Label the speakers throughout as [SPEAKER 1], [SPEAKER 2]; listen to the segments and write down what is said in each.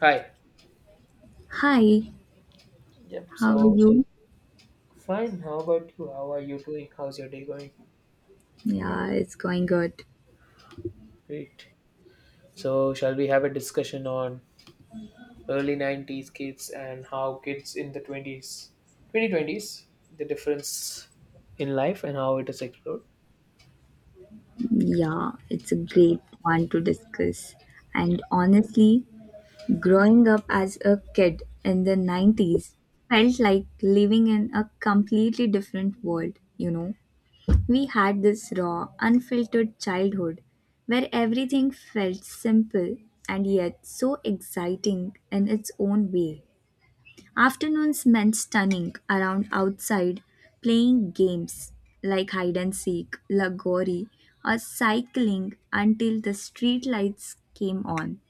[SPEAKER 1] Hi.
[SPEAKER 2] Hi,
[SPEAKER 1] Yep.
[SPEAKER 2] how are
[SPEAKER 1] So,
[SPEAKER 2] you?
[SPEAKER 1] fine. How about you? How are you doing? How's your day going?
[SPEAKER 2] Yeah, it's going good.
[SPEAKER 1] Great. So shall we have a discussion on early '90s kids and how kids in the '20s, 2020s, the difference in life and how it is explored?
[SPEAKER 2] Yeah, it's a great one to discuss. And honestly, growing up as a kid in the 90s felt like living in a completely different world, you know. We had this raw, unfiltered childhood where everything felt simple and yet so exciting in its own way. Afternoons meant stunning around outside, playing games like hide and seek, lagori, or cycling until the street lights came on.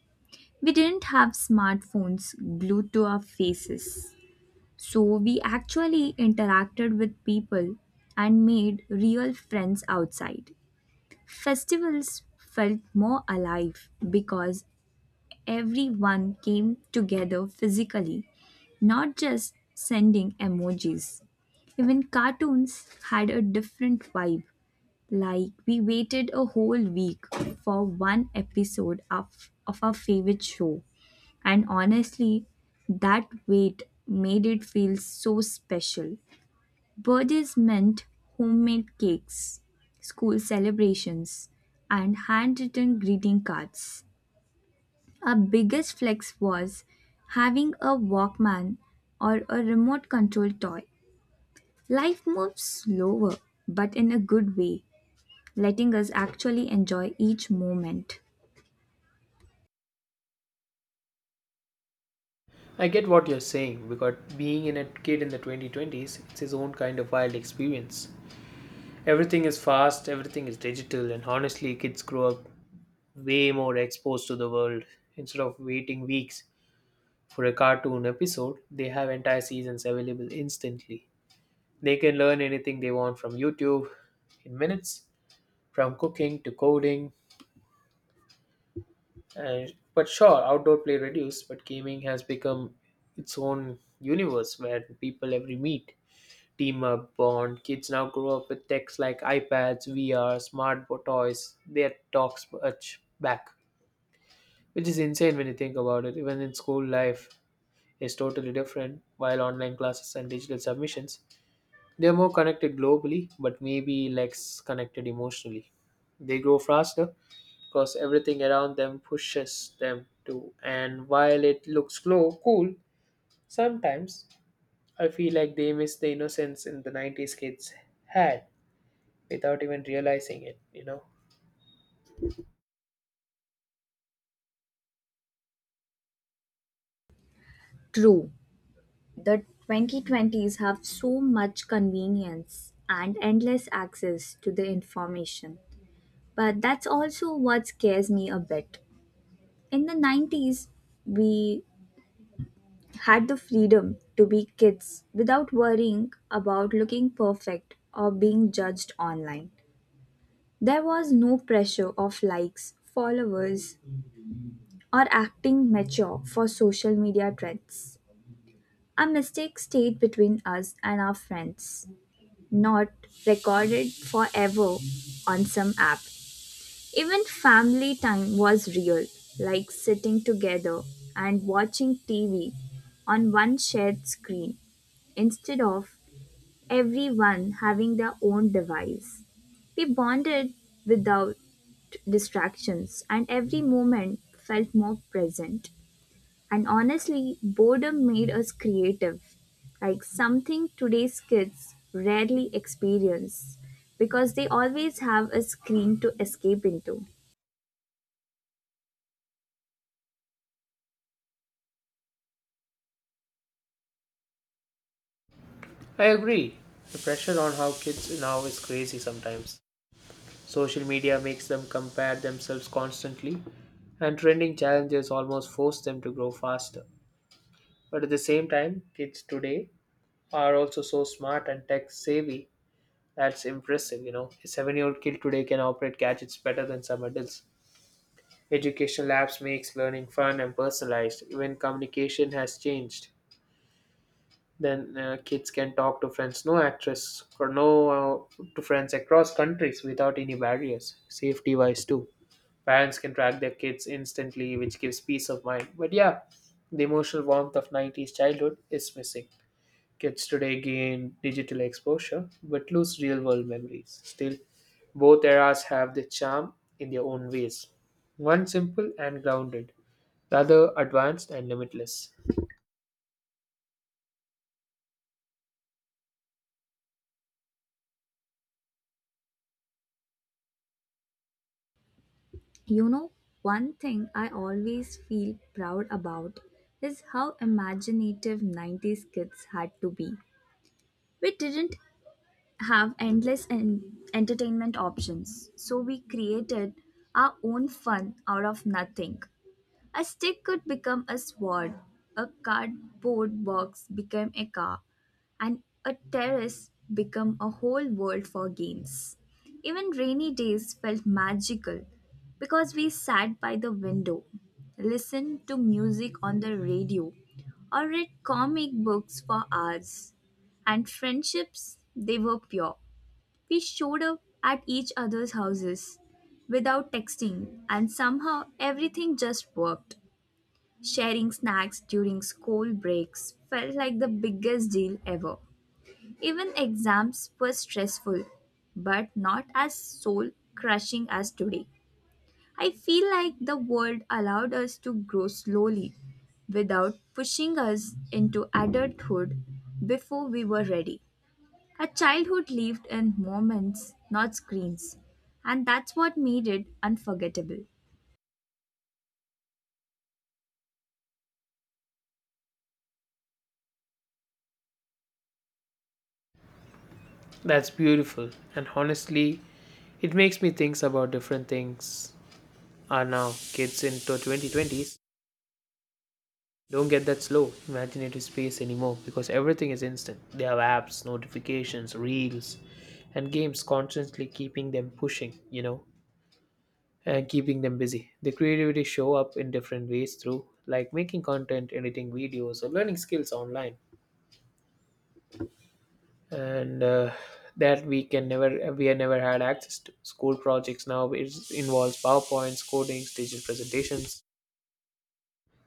[SPEAKER 2] We didn't have smartphones glued to our faces, so we actually interacted with people and made real friends outside. Festivals felt more alive because everyone came together physically, not just sending emojis. Even cartoons had a different vibe, like we waited a whole week for one episode of our favorite show. And honestly, that wait made it feel so special. Birthdays meant homemade cakes, school celebrations, and handwritten greeting cards. Our biggest flex was having a Walkman or a remote control toy. Life moves slower, but in a good way, letting us actually enjoy each moment.
[SPEAKER 1] I get what you're saying because being in a kid in the 2020s, it's his own kind of wild experience. Everything is fast, everything is digital, and honestly, kids grow up way more exposed to the world instead of waiting weeks for a cartoon episode, they have entire seasons available instantly. They can learn anything they want from YouTube in minutes, from cooking to coding. And, but sure, outdoor play reduced, but gaming has become its own universe where people every meet, team up, bond. Kids now grow up with techs like iPads, VR, smart toys. Their talks much back, which is insane when you think about it. Even in school, life is totally different, while online classes and digital submissions. They're more connected globally, but maybe less connected emotionally. They grow faster because everything around them pushes them to. And while it looks slow, cool, sometimes I feel like they miss the innocence in the '90s kids had without even realizing it.
[SPEAKER 2] True, the 2020s have so much convenience and endless access to the information. But that's also what scares me a bit. In the 90s, we had the freedom to be kids without worrying about looking perfect or being judged online. There was no pressure of likes, followers, or acting mature for social media trends. Our mistakes stayed between us and our friends, not recorded forever on some app. Even family time was real, like sitting together and watching TV on one shared screen instead of everyone having their own device. We bonded without distractions, and every moment felt more present. And honestly, boredom made us creative, like something today's kids rarely experience because they always have a screen to escape into.
[SPEAKER 1] I agree. The pressure on how kids now is crazy sometimes. Social media makes them compare themselves constantly, and trending challenges almost force them to grow faster. But at the same time, kids today are also so smart and tech savvy. That's impressive, A 7-year old kid today can operate gadgets better than some adults. Educational apps makes learning fun and personalized. Even communication has changed. Then kids can talk to friends, no actress or no, to friends across countries without any barriers. Safety wise too, parents can track their kids instantly, which gives peace of mind. But yeah, the emotional warmth of '90s childhood is missing. Kids today gain digital exposure but lose real world memories. Still, both eras have their charm in their own ways. One simple and grounded, the other advanced and limitless.
[SPEAKER 2] You know, one thing I always feel proud about is how imaginative 90s kids had to be. We didn't have endless entertainment options. So we created our own fun out of nothing. A stick could become a sword, a cardboard box became a car, and a terrace became a whole world for games. Even rainy days felt magical because we sat by the window, listened to music on the radio, or read comic books for hours. And friendships, they were pure. We showed up at each other's houses without texting, and somehow everything just worked. Sharing snacks during school breaks felt like the biggest deal ever. Even exams were stressful, but not as soul crushing as today. I feel like the world allowed us to grow slowly without pushing us into adulthood before we were ready. Our childhood lived in moments, not screens, and that's what made it unforgettable.
[SPEAKER 1] That's beautiful, and honestly, it makes me think about different things are now. Kids in the 2020s don't get that slow, imaginative space anymore because everything is instant. They have apps, notifications, reels, and games constantly keeping them pushing. And keeping them busy. The creativity show up in different ways through like making content, editing videos, or learning skills online, and that we have never had access to. School projects now involves powerpoints, codings, digital presentations,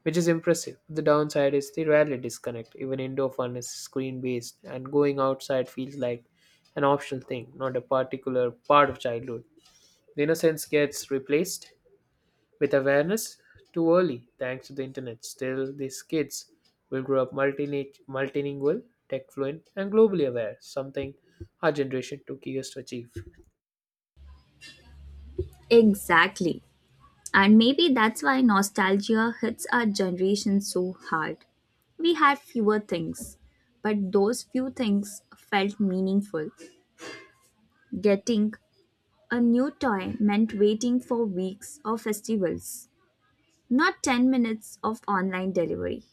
[SPEAKER 1] which is impressive. The downside is they rarely disconnect. Even indoor fun is screen based, and going outside feels like an optional thing, not a particular part of childhood. The innocence gets replaced with awareness too early thanks to the internet. Still, these kids will grow up multilingual, tech fluent, and globally aware, something our generation took years to achieve.
[SPEAKER 2] Exactly. And maybe that's why nostalgia hits our generation so hard. We had fewer things, but those few things felt meaningful. Getting a new toy meant waiting for weeks or festivals, not 10 minutes of online delivery.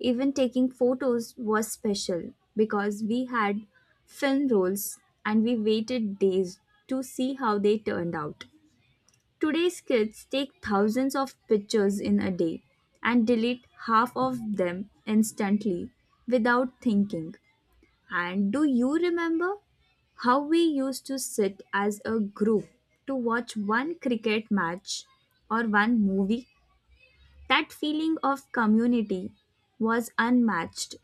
[SPEAKER 2] Even taking photos was special because we had film rolls and we waited days to see how they turned out. Today's kids take thousands of pictures in a day and delete half of them instantly without thinking. And do you remember how we used to sit as a group to watch one cricket match or one movie? That feeling of community was unmatched.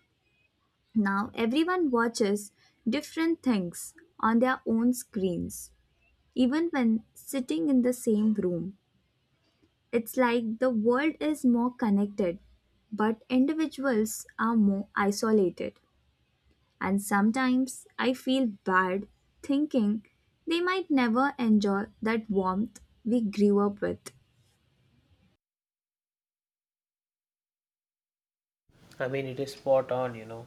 [SPEAKER 2] Now everyone watches different things on their own screens, even when sitting in the same room. It's like the world is more connected, but individuals are more isolated. And sometimes I feel bad thinking they might never enjoy that warmth we grew up with.
[SPEAKER 1] I mean, it is spot on you know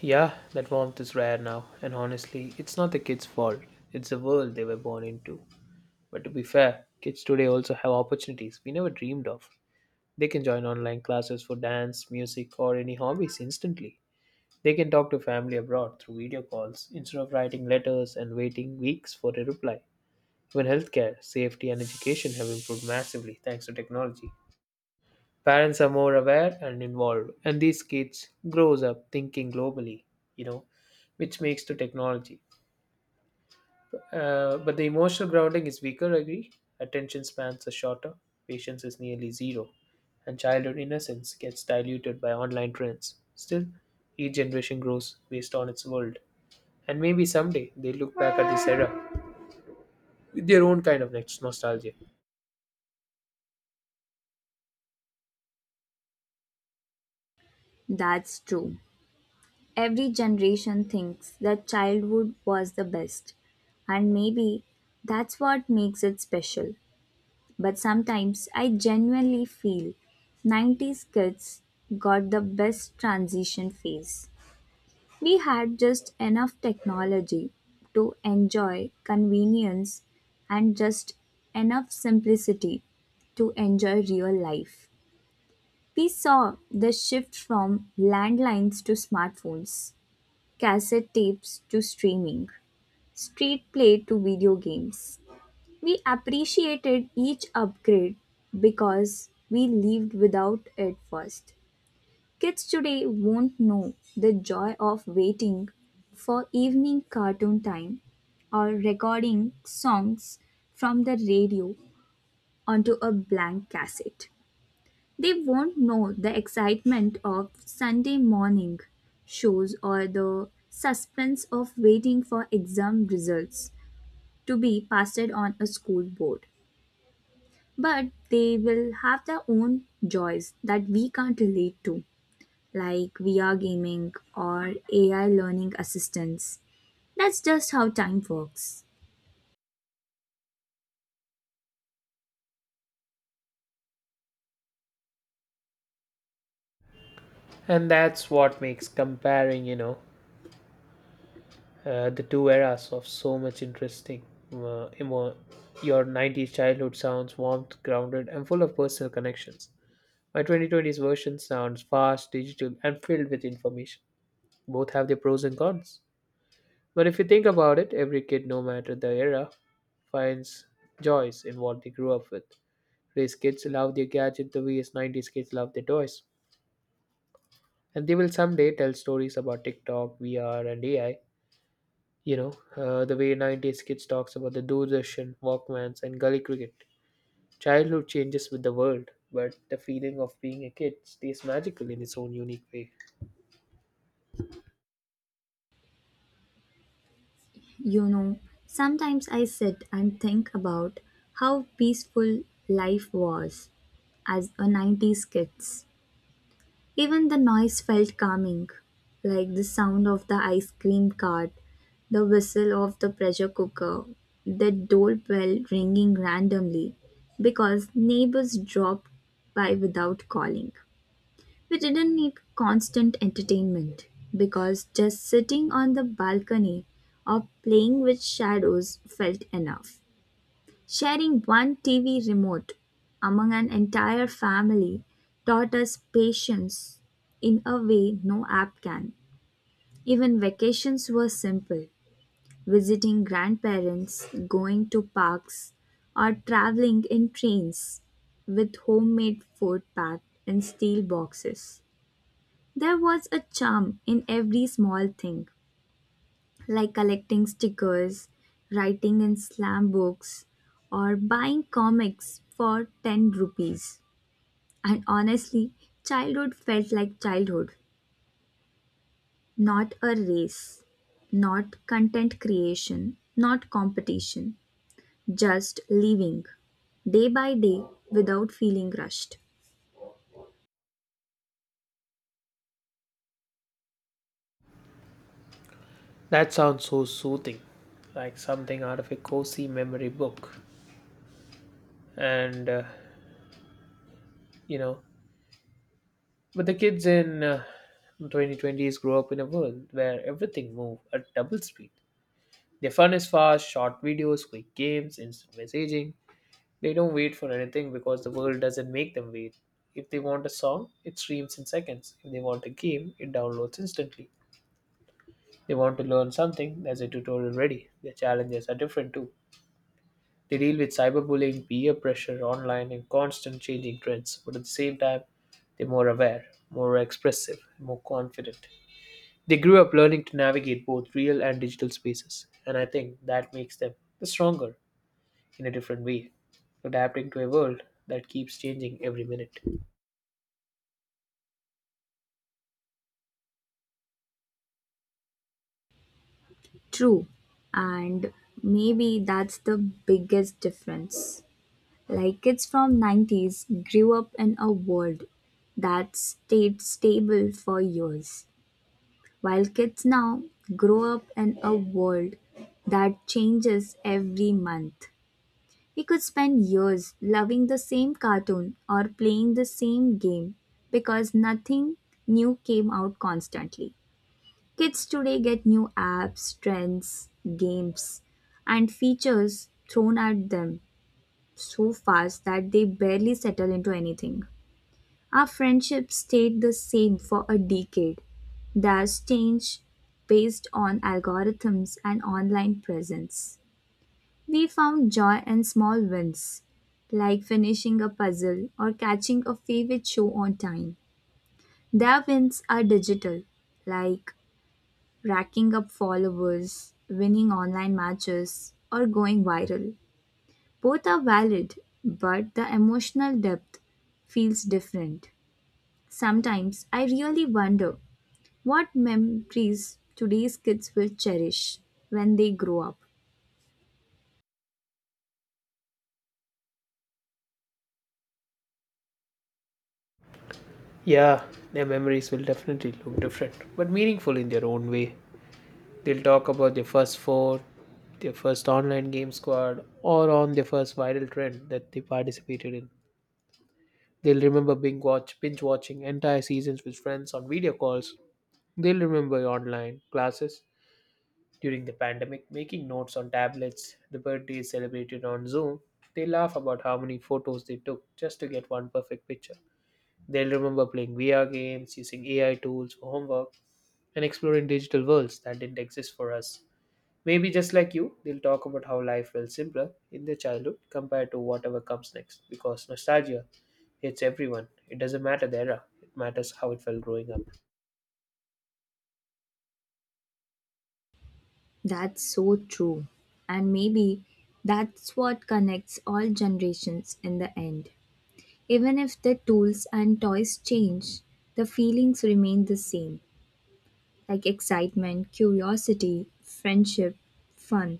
[SPEAKER 1] yeah that warmth is rare now, and honestly, it's not the kids fault, it's the world they were born into. But to be fair, kids today also have opportunities we never dreamed of. They can join online classes for dance music or any hobbies instantly. They can talk to family abroad through video calls instead of writing letters and waiting weeks for a reply. Even healthcare, safety, and education have improved massively thanks to technology. Parents are more aware and involved, and these kids grows up thinking globally, you know, which makes to technology. But the emotional grounding is weaker, I agree. Attention spans are shorter, patience is nearly zero, and childhood innocence gets diluted by online trends. Still, each generation grows based on its world. And maybe someday they look back at this era with their own kind of next nostalgia.
[SPEAKER 2] That's true. Every generation thinks that childhood was the best, and maybe that's what makes it special. But sometimes I genuinely feel 90s kids got the best transition phase. We had just enough technology to enjoy convenience and just enough simplicity to enjoy real life. We saw the shift from landlines to smartphones, cassette tapes to streaming, street play to video games. We appreciated each upgrade because we lived without it first. Kids today won't know the joy of waiting for evening cartoon time or recording songs from the radio onto a blank cassette. They won't know the excitement of Sunday morning shows or the suspense of waiting for exam results to be pasted on a school board. But they will have their own joys that we can't relate to like VR gaming or AI learning assistants. That's just how time works.
[SPEAKER 1] And that's what makes comparing, the two eras of so much interesting. Uh, emo- your '90s childhood sounds warm, grounded, and full of personal connections. My 2020s version sounds fast, digital, and filled with information. Both have their pros and cons. But if you think about it, every kid, no matter the era, finds joys in what they grew up with. Today's kids love their gadget the way as '90s kids love their toys, and they will someday tell stories about TikTok, VR, and AI. The way '90s kids talks about the Doordarshan, Walkmans, and gully cricket. Childhood changes with the world, but the feeling of being a kid stays magical in its own unique way.
[SPEAKER 2] You know, sometimes I sit and think about how peaceful life was as a 90s kids. Even the noise felt calming, like the sound of the ice cream cart, the whistle of the pressure cooker, the doorbell ringing randomly because neighbors dropped by without calling. We didn't need constant entertainment because just sitting on the balcony or playing with shadows felt enough. Sharing one TV remote among an entire family taught us patience in a way no app can. Even vacations were simple, visiting grandparents, going to parks, or traveling in trains with homemade food packed in steel boxes. There was a charm in every small thing, like collecting stickers, writing in slam books, or buying comics for 10 rupees. And honestly, childhood felt like childhood, not a race, not content creation, not competition, just living day by day without feeling rushed.
[SPEAKER 1] That sounds so soothing, like something out of a cozy memory book. And, uh, you know, but the kids in 2020s grow up in a world where everything moves at double speed. Their fun is fast, short videos, quick games, instant messaging. They don't wait for anything because the world doesn't make them wait. If they want a song, it streams in seconds. If they want a game, it downloads instantly. They want to learn something, there's a tutorial ready. Their challenges are different too. They deal with cyberbullying, peer pressure, online, and constant changing trends, but at the same time, they're more aware, more expressive, and more confident. They grew up learning to navigate both real and digital spaces, and I think that makes them stronger, in a different way, adapting to a world that keeps changing every minute.
[SPEAKER 2] True, and maybe that's the biggest difference. Like kids from 90s grew up in a world that stayed stable for years, while kids now grow up in a world that changes every month. We could spend years loving the same cartoon or playing the same game because nothing new came out constantly. Kids today get new apps, trends, games, and features thrown at them so fast that they barely settle into anything. Our friendship stayed the same for a decade. That's changed based on algorithms and online presence. We found joy in small wins, like finishing a puzzle or catching a favorite show on time. Their wins are digital, like racking up followers, winning online matches, or going viral. Both are valid, but the emotional depth feels different. Sometimes I really wonder what memories today's kids will cherish when they grow up.
[SPEAKER 1] Yeah, their memories will definitely look different, but meaningful in their own way. They'll talk about their first phone, their first online game squad, or on their first viral trend that they participated in. They'll remember binge watching entire seasons with friends on video calls. They'll remember online classes during the pandemic, making notes on tablets, the birthday is celebrated on Zoom. They laugh about how many photos they took just to get one perfect picture. They'll remember playing VR games, using AI tools for homework, and exploring digital worlds that didn't exist for us. Maybe just like you, they'll talk about how life felt simpler in their childhood compared to whatever comes next because nostalgia hits everyone. It doesn't matter the era, it matters how it felt growing up.
[SPEAKER 2] That's so true. And maybe that's what connects all generations in the end. Even if the tools and toys change, the feelings remain the same, like excitement, curiosity, friendship, fun.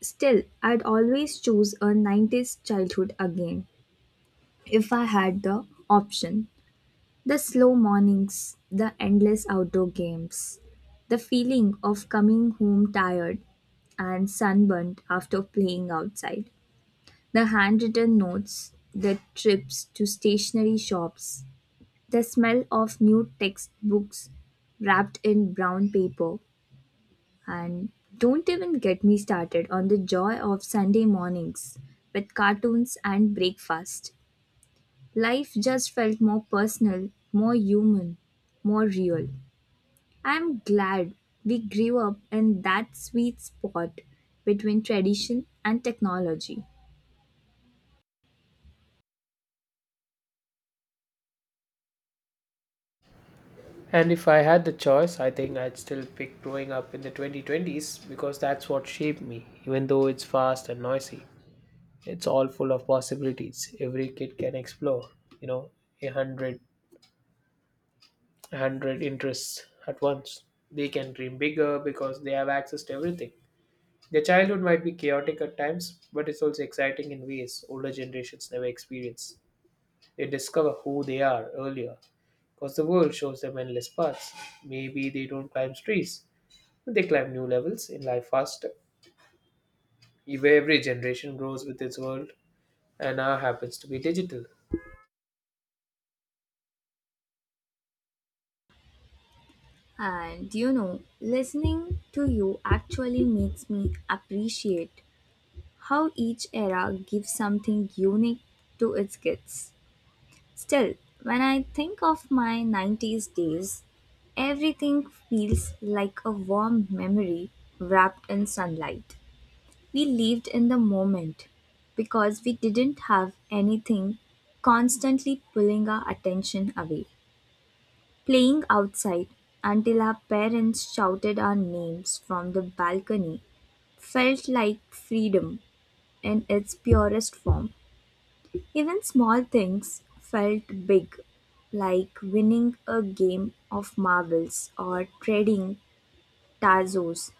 [SPEAKER 2] Still, I'd always choose a 90s childhood again if I had the option. The slow mornings, the endless outdoor games, the feeling of coming home tired and sunburnt after playing outside, the handwritten notes, the trips to stationery shops, the smell of new textbooks wrapped in brown paper, and don't even get me started on the joy of Sunday mornings with cartoons and breakfast. Life just felt more personal, more human, more real. I'm glad we grew up in that sweet spot between tradition and technology.
[SPEAKER 1] And if I had the choice, I think I'd still pick growing up in the 2020s because that's what shaped me, even though it's fast and noisy. It's all full of possibilities. Every kid can explore, you know, a hundred, a hundred interests at once. They can dream bigger because they have access to everything. Their childhood might be chaotic at times, but it's also exciting in ways older generations never experience. They discover who they are earlier because the world shows them endless paths. Maybe they don't climb trees. They climb new levels in life faster. Every generation grows with its world, and now happens to be digital.
[SPEAKER 2] And you know, listening to you actually makes me appreciate how each era gives something unique to its kids. Still, when I think of my 90s days, everything feels like a warm memory wrapped in sunlight. We lived in the moment because we didn't have anything constantly pulling our attention away. Playing outside until our parents shouted our names from the balcony felt like freedom in its purest form. Even small things felt big, like winning a game of marbles or trading tazos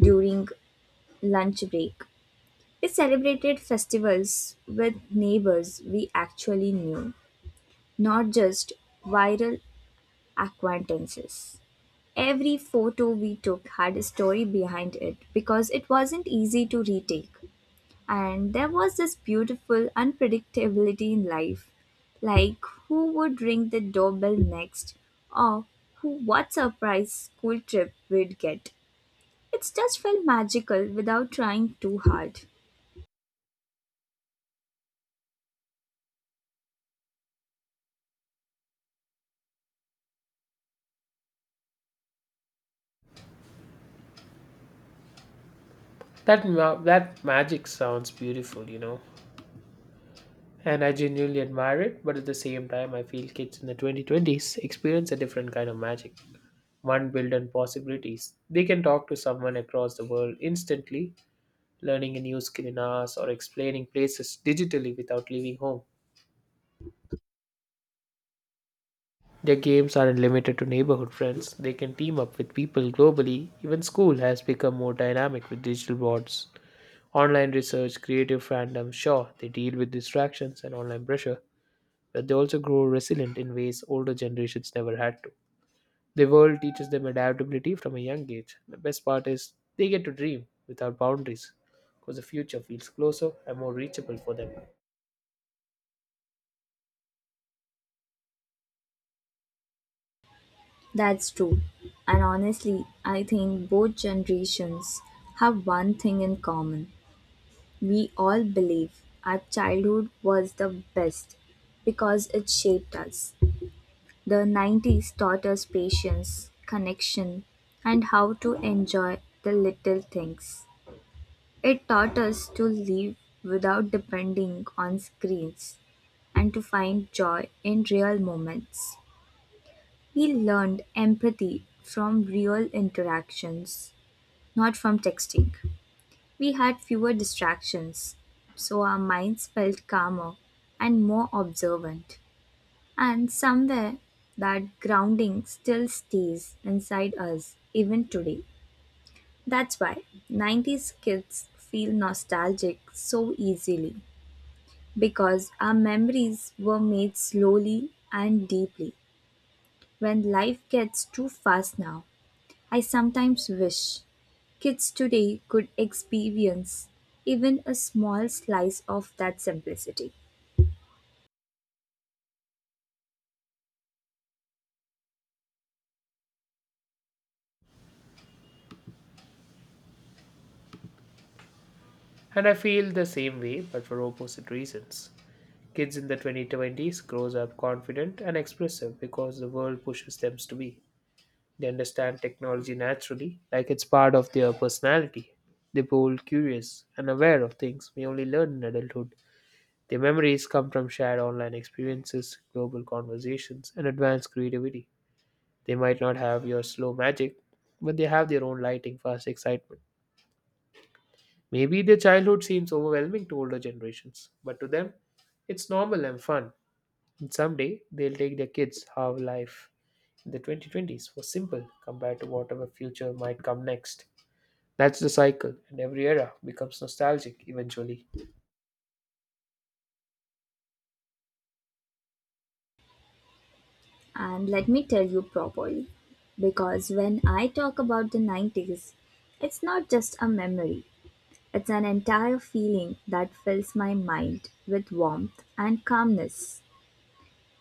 [SPEAKER 2] during lunch break. We celebrated festivals with neighbors we actually knew, not just viral acquaintances. Every photo we took had a story behind it because it wasn't easy to retake. And there was this beautiful unpredictability in life, like who would ring the doorbell next or who what surprise school trip we'd get. It just felt magical without trying too hard.
[SPEAKER 1] That magic sounds beautiful, and I genuinely admire it. But at the same time, I feel kids in the 2020s experience a different kind of magic. One built on possibilities. They can talk to someone across the world instantly, learning a new skill in hours or explaining places digitally without leaving home. Their games aren't limited to neighborhood friends, they can team up with people globally. Even school has become more dynamic with digital boards. Online research, creative fandom, sure, they deal with distractions and online pressure, but they also grow resilient in ways older generations never had to. The world teaches them adaptability from a young age. The best part is they get to dream without boundaries because the future feels closer and more reachable for them.
[SPEAKER 2] That's true. And honestly, I think both generations have one thing in common. We all believe our childhood was the best because it shaped us. The nineties taught us patience, connection, and how to enjoy the little things. It taught us to live without depending on screens and to find joy in real moments. We learned empathy from real interactions, not from texting. We had fewer distractions, so our minds felt calmer and more observant. And somewhere that grounding still stays inside us even today. That's why 90s kids feel nostalgic so easily because our memories were made slowly and deeply. When life gets too fast now, I sometimes wish kids today could experience even a small slice of that simplicity.
[SPEAKER 1] And I feel the same way, but for opposite reasons. Kids in the 2020s grows up confident and expressive because the world pushes them to be. They understand technology naturally, like it's part of their personality. They are bold, curious, and aware of things we only learn in adulthood. Their memories come from shared online experiences, global conversations, and advanced creativity. They might not have your slow magic, but they have their own lighting, fast excitement. Maybe their childhood seems overwhelming to older generations, but to them, it's normal and fun. And someday, they'll take their kids how life in the 2020s was simple compared to whatever future might come next. That's the cycle, and every era becomes nostalgic eventually.
[SPEAKER 2] And let me tell you properly, because when I talk about the 90s, it's not just a memory, it's an entire feeling that fills my mind with warmth and calmness.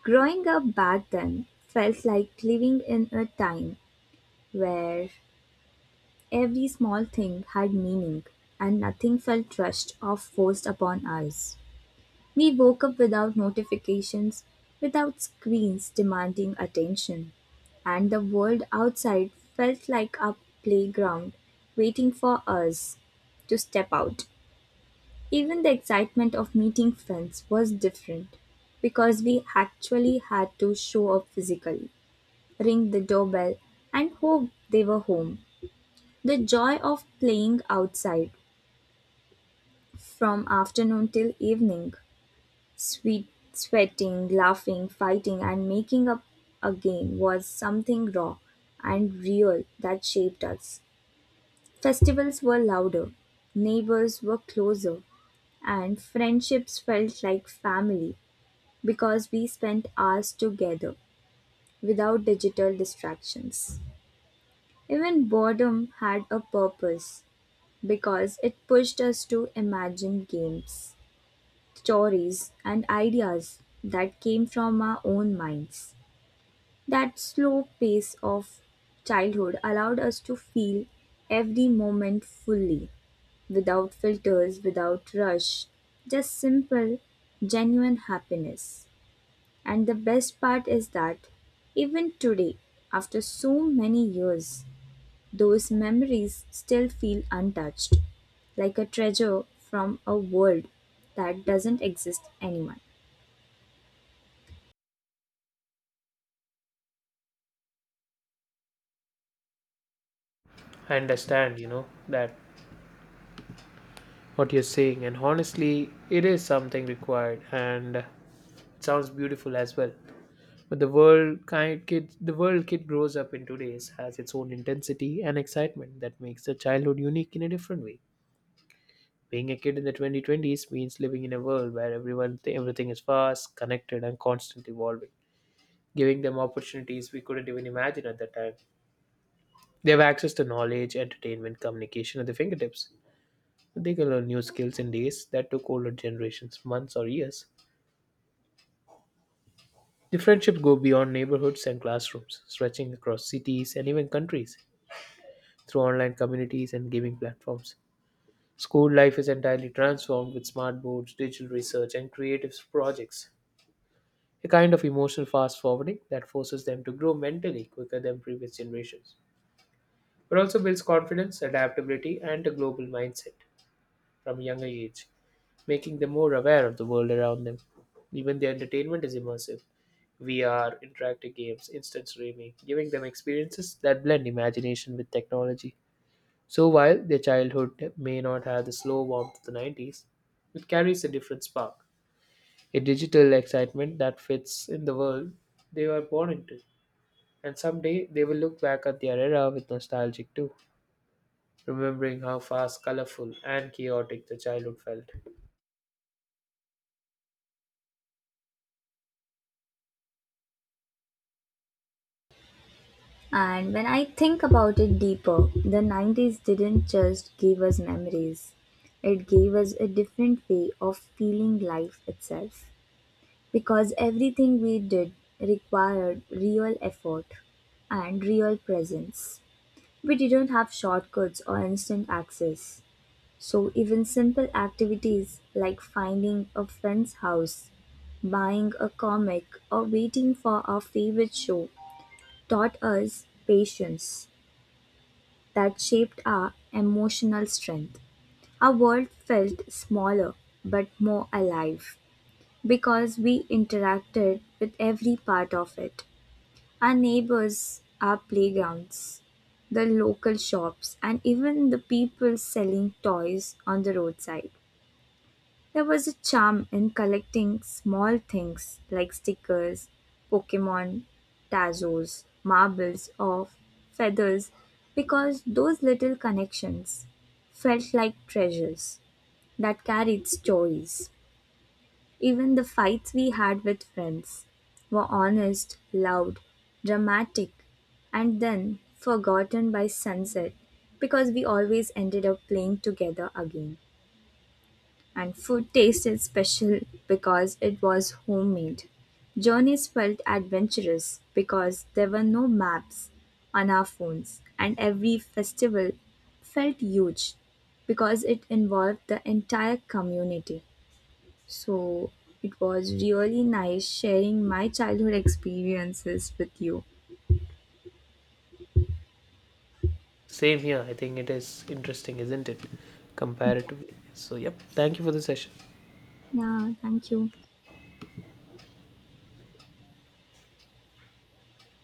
[SPEAKER 2] Growing up back then felt like living in a time where every small thing had meaning and nothing felt rushed or forced upon us. We woke up without notifications, without screens demanding attention, and the world outside felt like a playground waiting for us to step out. Even the excitement of meeting friends was different because we actually had to show up physically, ring the doorbell, and hope they were home. The joy of playing outside from afternoon till evening, sweet, sweating, laughing, fighting, and making up again was something raw and real that shaped us. Festivals were louder, neighbors were closer, and friendships felt like family because we spent hours together without digital distractions. Even boredom had a purpose because it pushed us to imagine games, stories, and ideas that came from our own minds. That slow pace of childhood allowed us to feel every moment fully, without filters, without rush, just simple, genuine happiness. And the best part is that even today, after so many years, those memories still feel untouched, like a treasure from a world that doesn't exist anymore.
[SPEAKER 1] I understand, that what you're saying, and honestly, it is something required, and it sounds beautiful as well. But the world kid grows up in today's has its own intensity and excitement that makes the childhood unique in a different way. Being a kid in the 2020s means living in a world where everyone everything is fast, connected, and constantly evolving, giving them opportunities we couldn't even imagine at that time. They have access to knowledge, entertainment, communication at their fingertips. They can learn new skills in days that took older generations months or years. The friendships go beyond neighborhoods and classrooms, stretching across cities and even countries, through online communities and gaming platforms. School life is entirely transformed with smart boards, digital research, and creative projects. A kind of emotional fast forwarding that forces them to grow mentally quicker than previous generations, but also builds confidence, adaptability, and a global mindset from a younger age, making them more aware of the world around them. Even their entertainment is immersive. VR, interactive games, instant streaming, giving them experiences that blend imagination with technology. So while their childhood may not have the slow warmth of the '90s, it carries a different spark, a digital excitement that fits in the world they were born into. And someday they will look back at their era with nostalgic too, remembering how fast, colorful, and chaotic the childhood felt.
[SPEAKER 2] And when I think about it deeper, the 90s didn't just give us memories, it gave us a different way of feeling life itself. Because everything we did required real effort and real presence. We didn't have shortcuts or instant access. So, even simple activities like finding a friend's house, buying a comic, or waiting for our favorite show taught us patience that shaped our emotional strength. Our world felt smaller but more alive because we interacted with every part of it. Our neighbors, our playgrounds, the local shops, and even the people selling toys on the roadside. There was a charm in collecting small things like stickers, Pokemon, Tazos, marbles, or feathers because those little connections felt like treasures that carried stories. Even the fights we had with friends were honest, loud, dramatic, and then forgotten by sunset because we always ended up playing together again. And food tasted special because it was homemade. Journeys felt adventurous because there were no maps on our phones, and every festival felt huge because it involved the entire community. So it was really nice sharing my childhood experiences with you.
[SPEAKER 1] Same here, I think it is interesting, isn't it? Comparatively. So, yep, thank you for the session.
[SPEAKER 2] Yeah, thank you.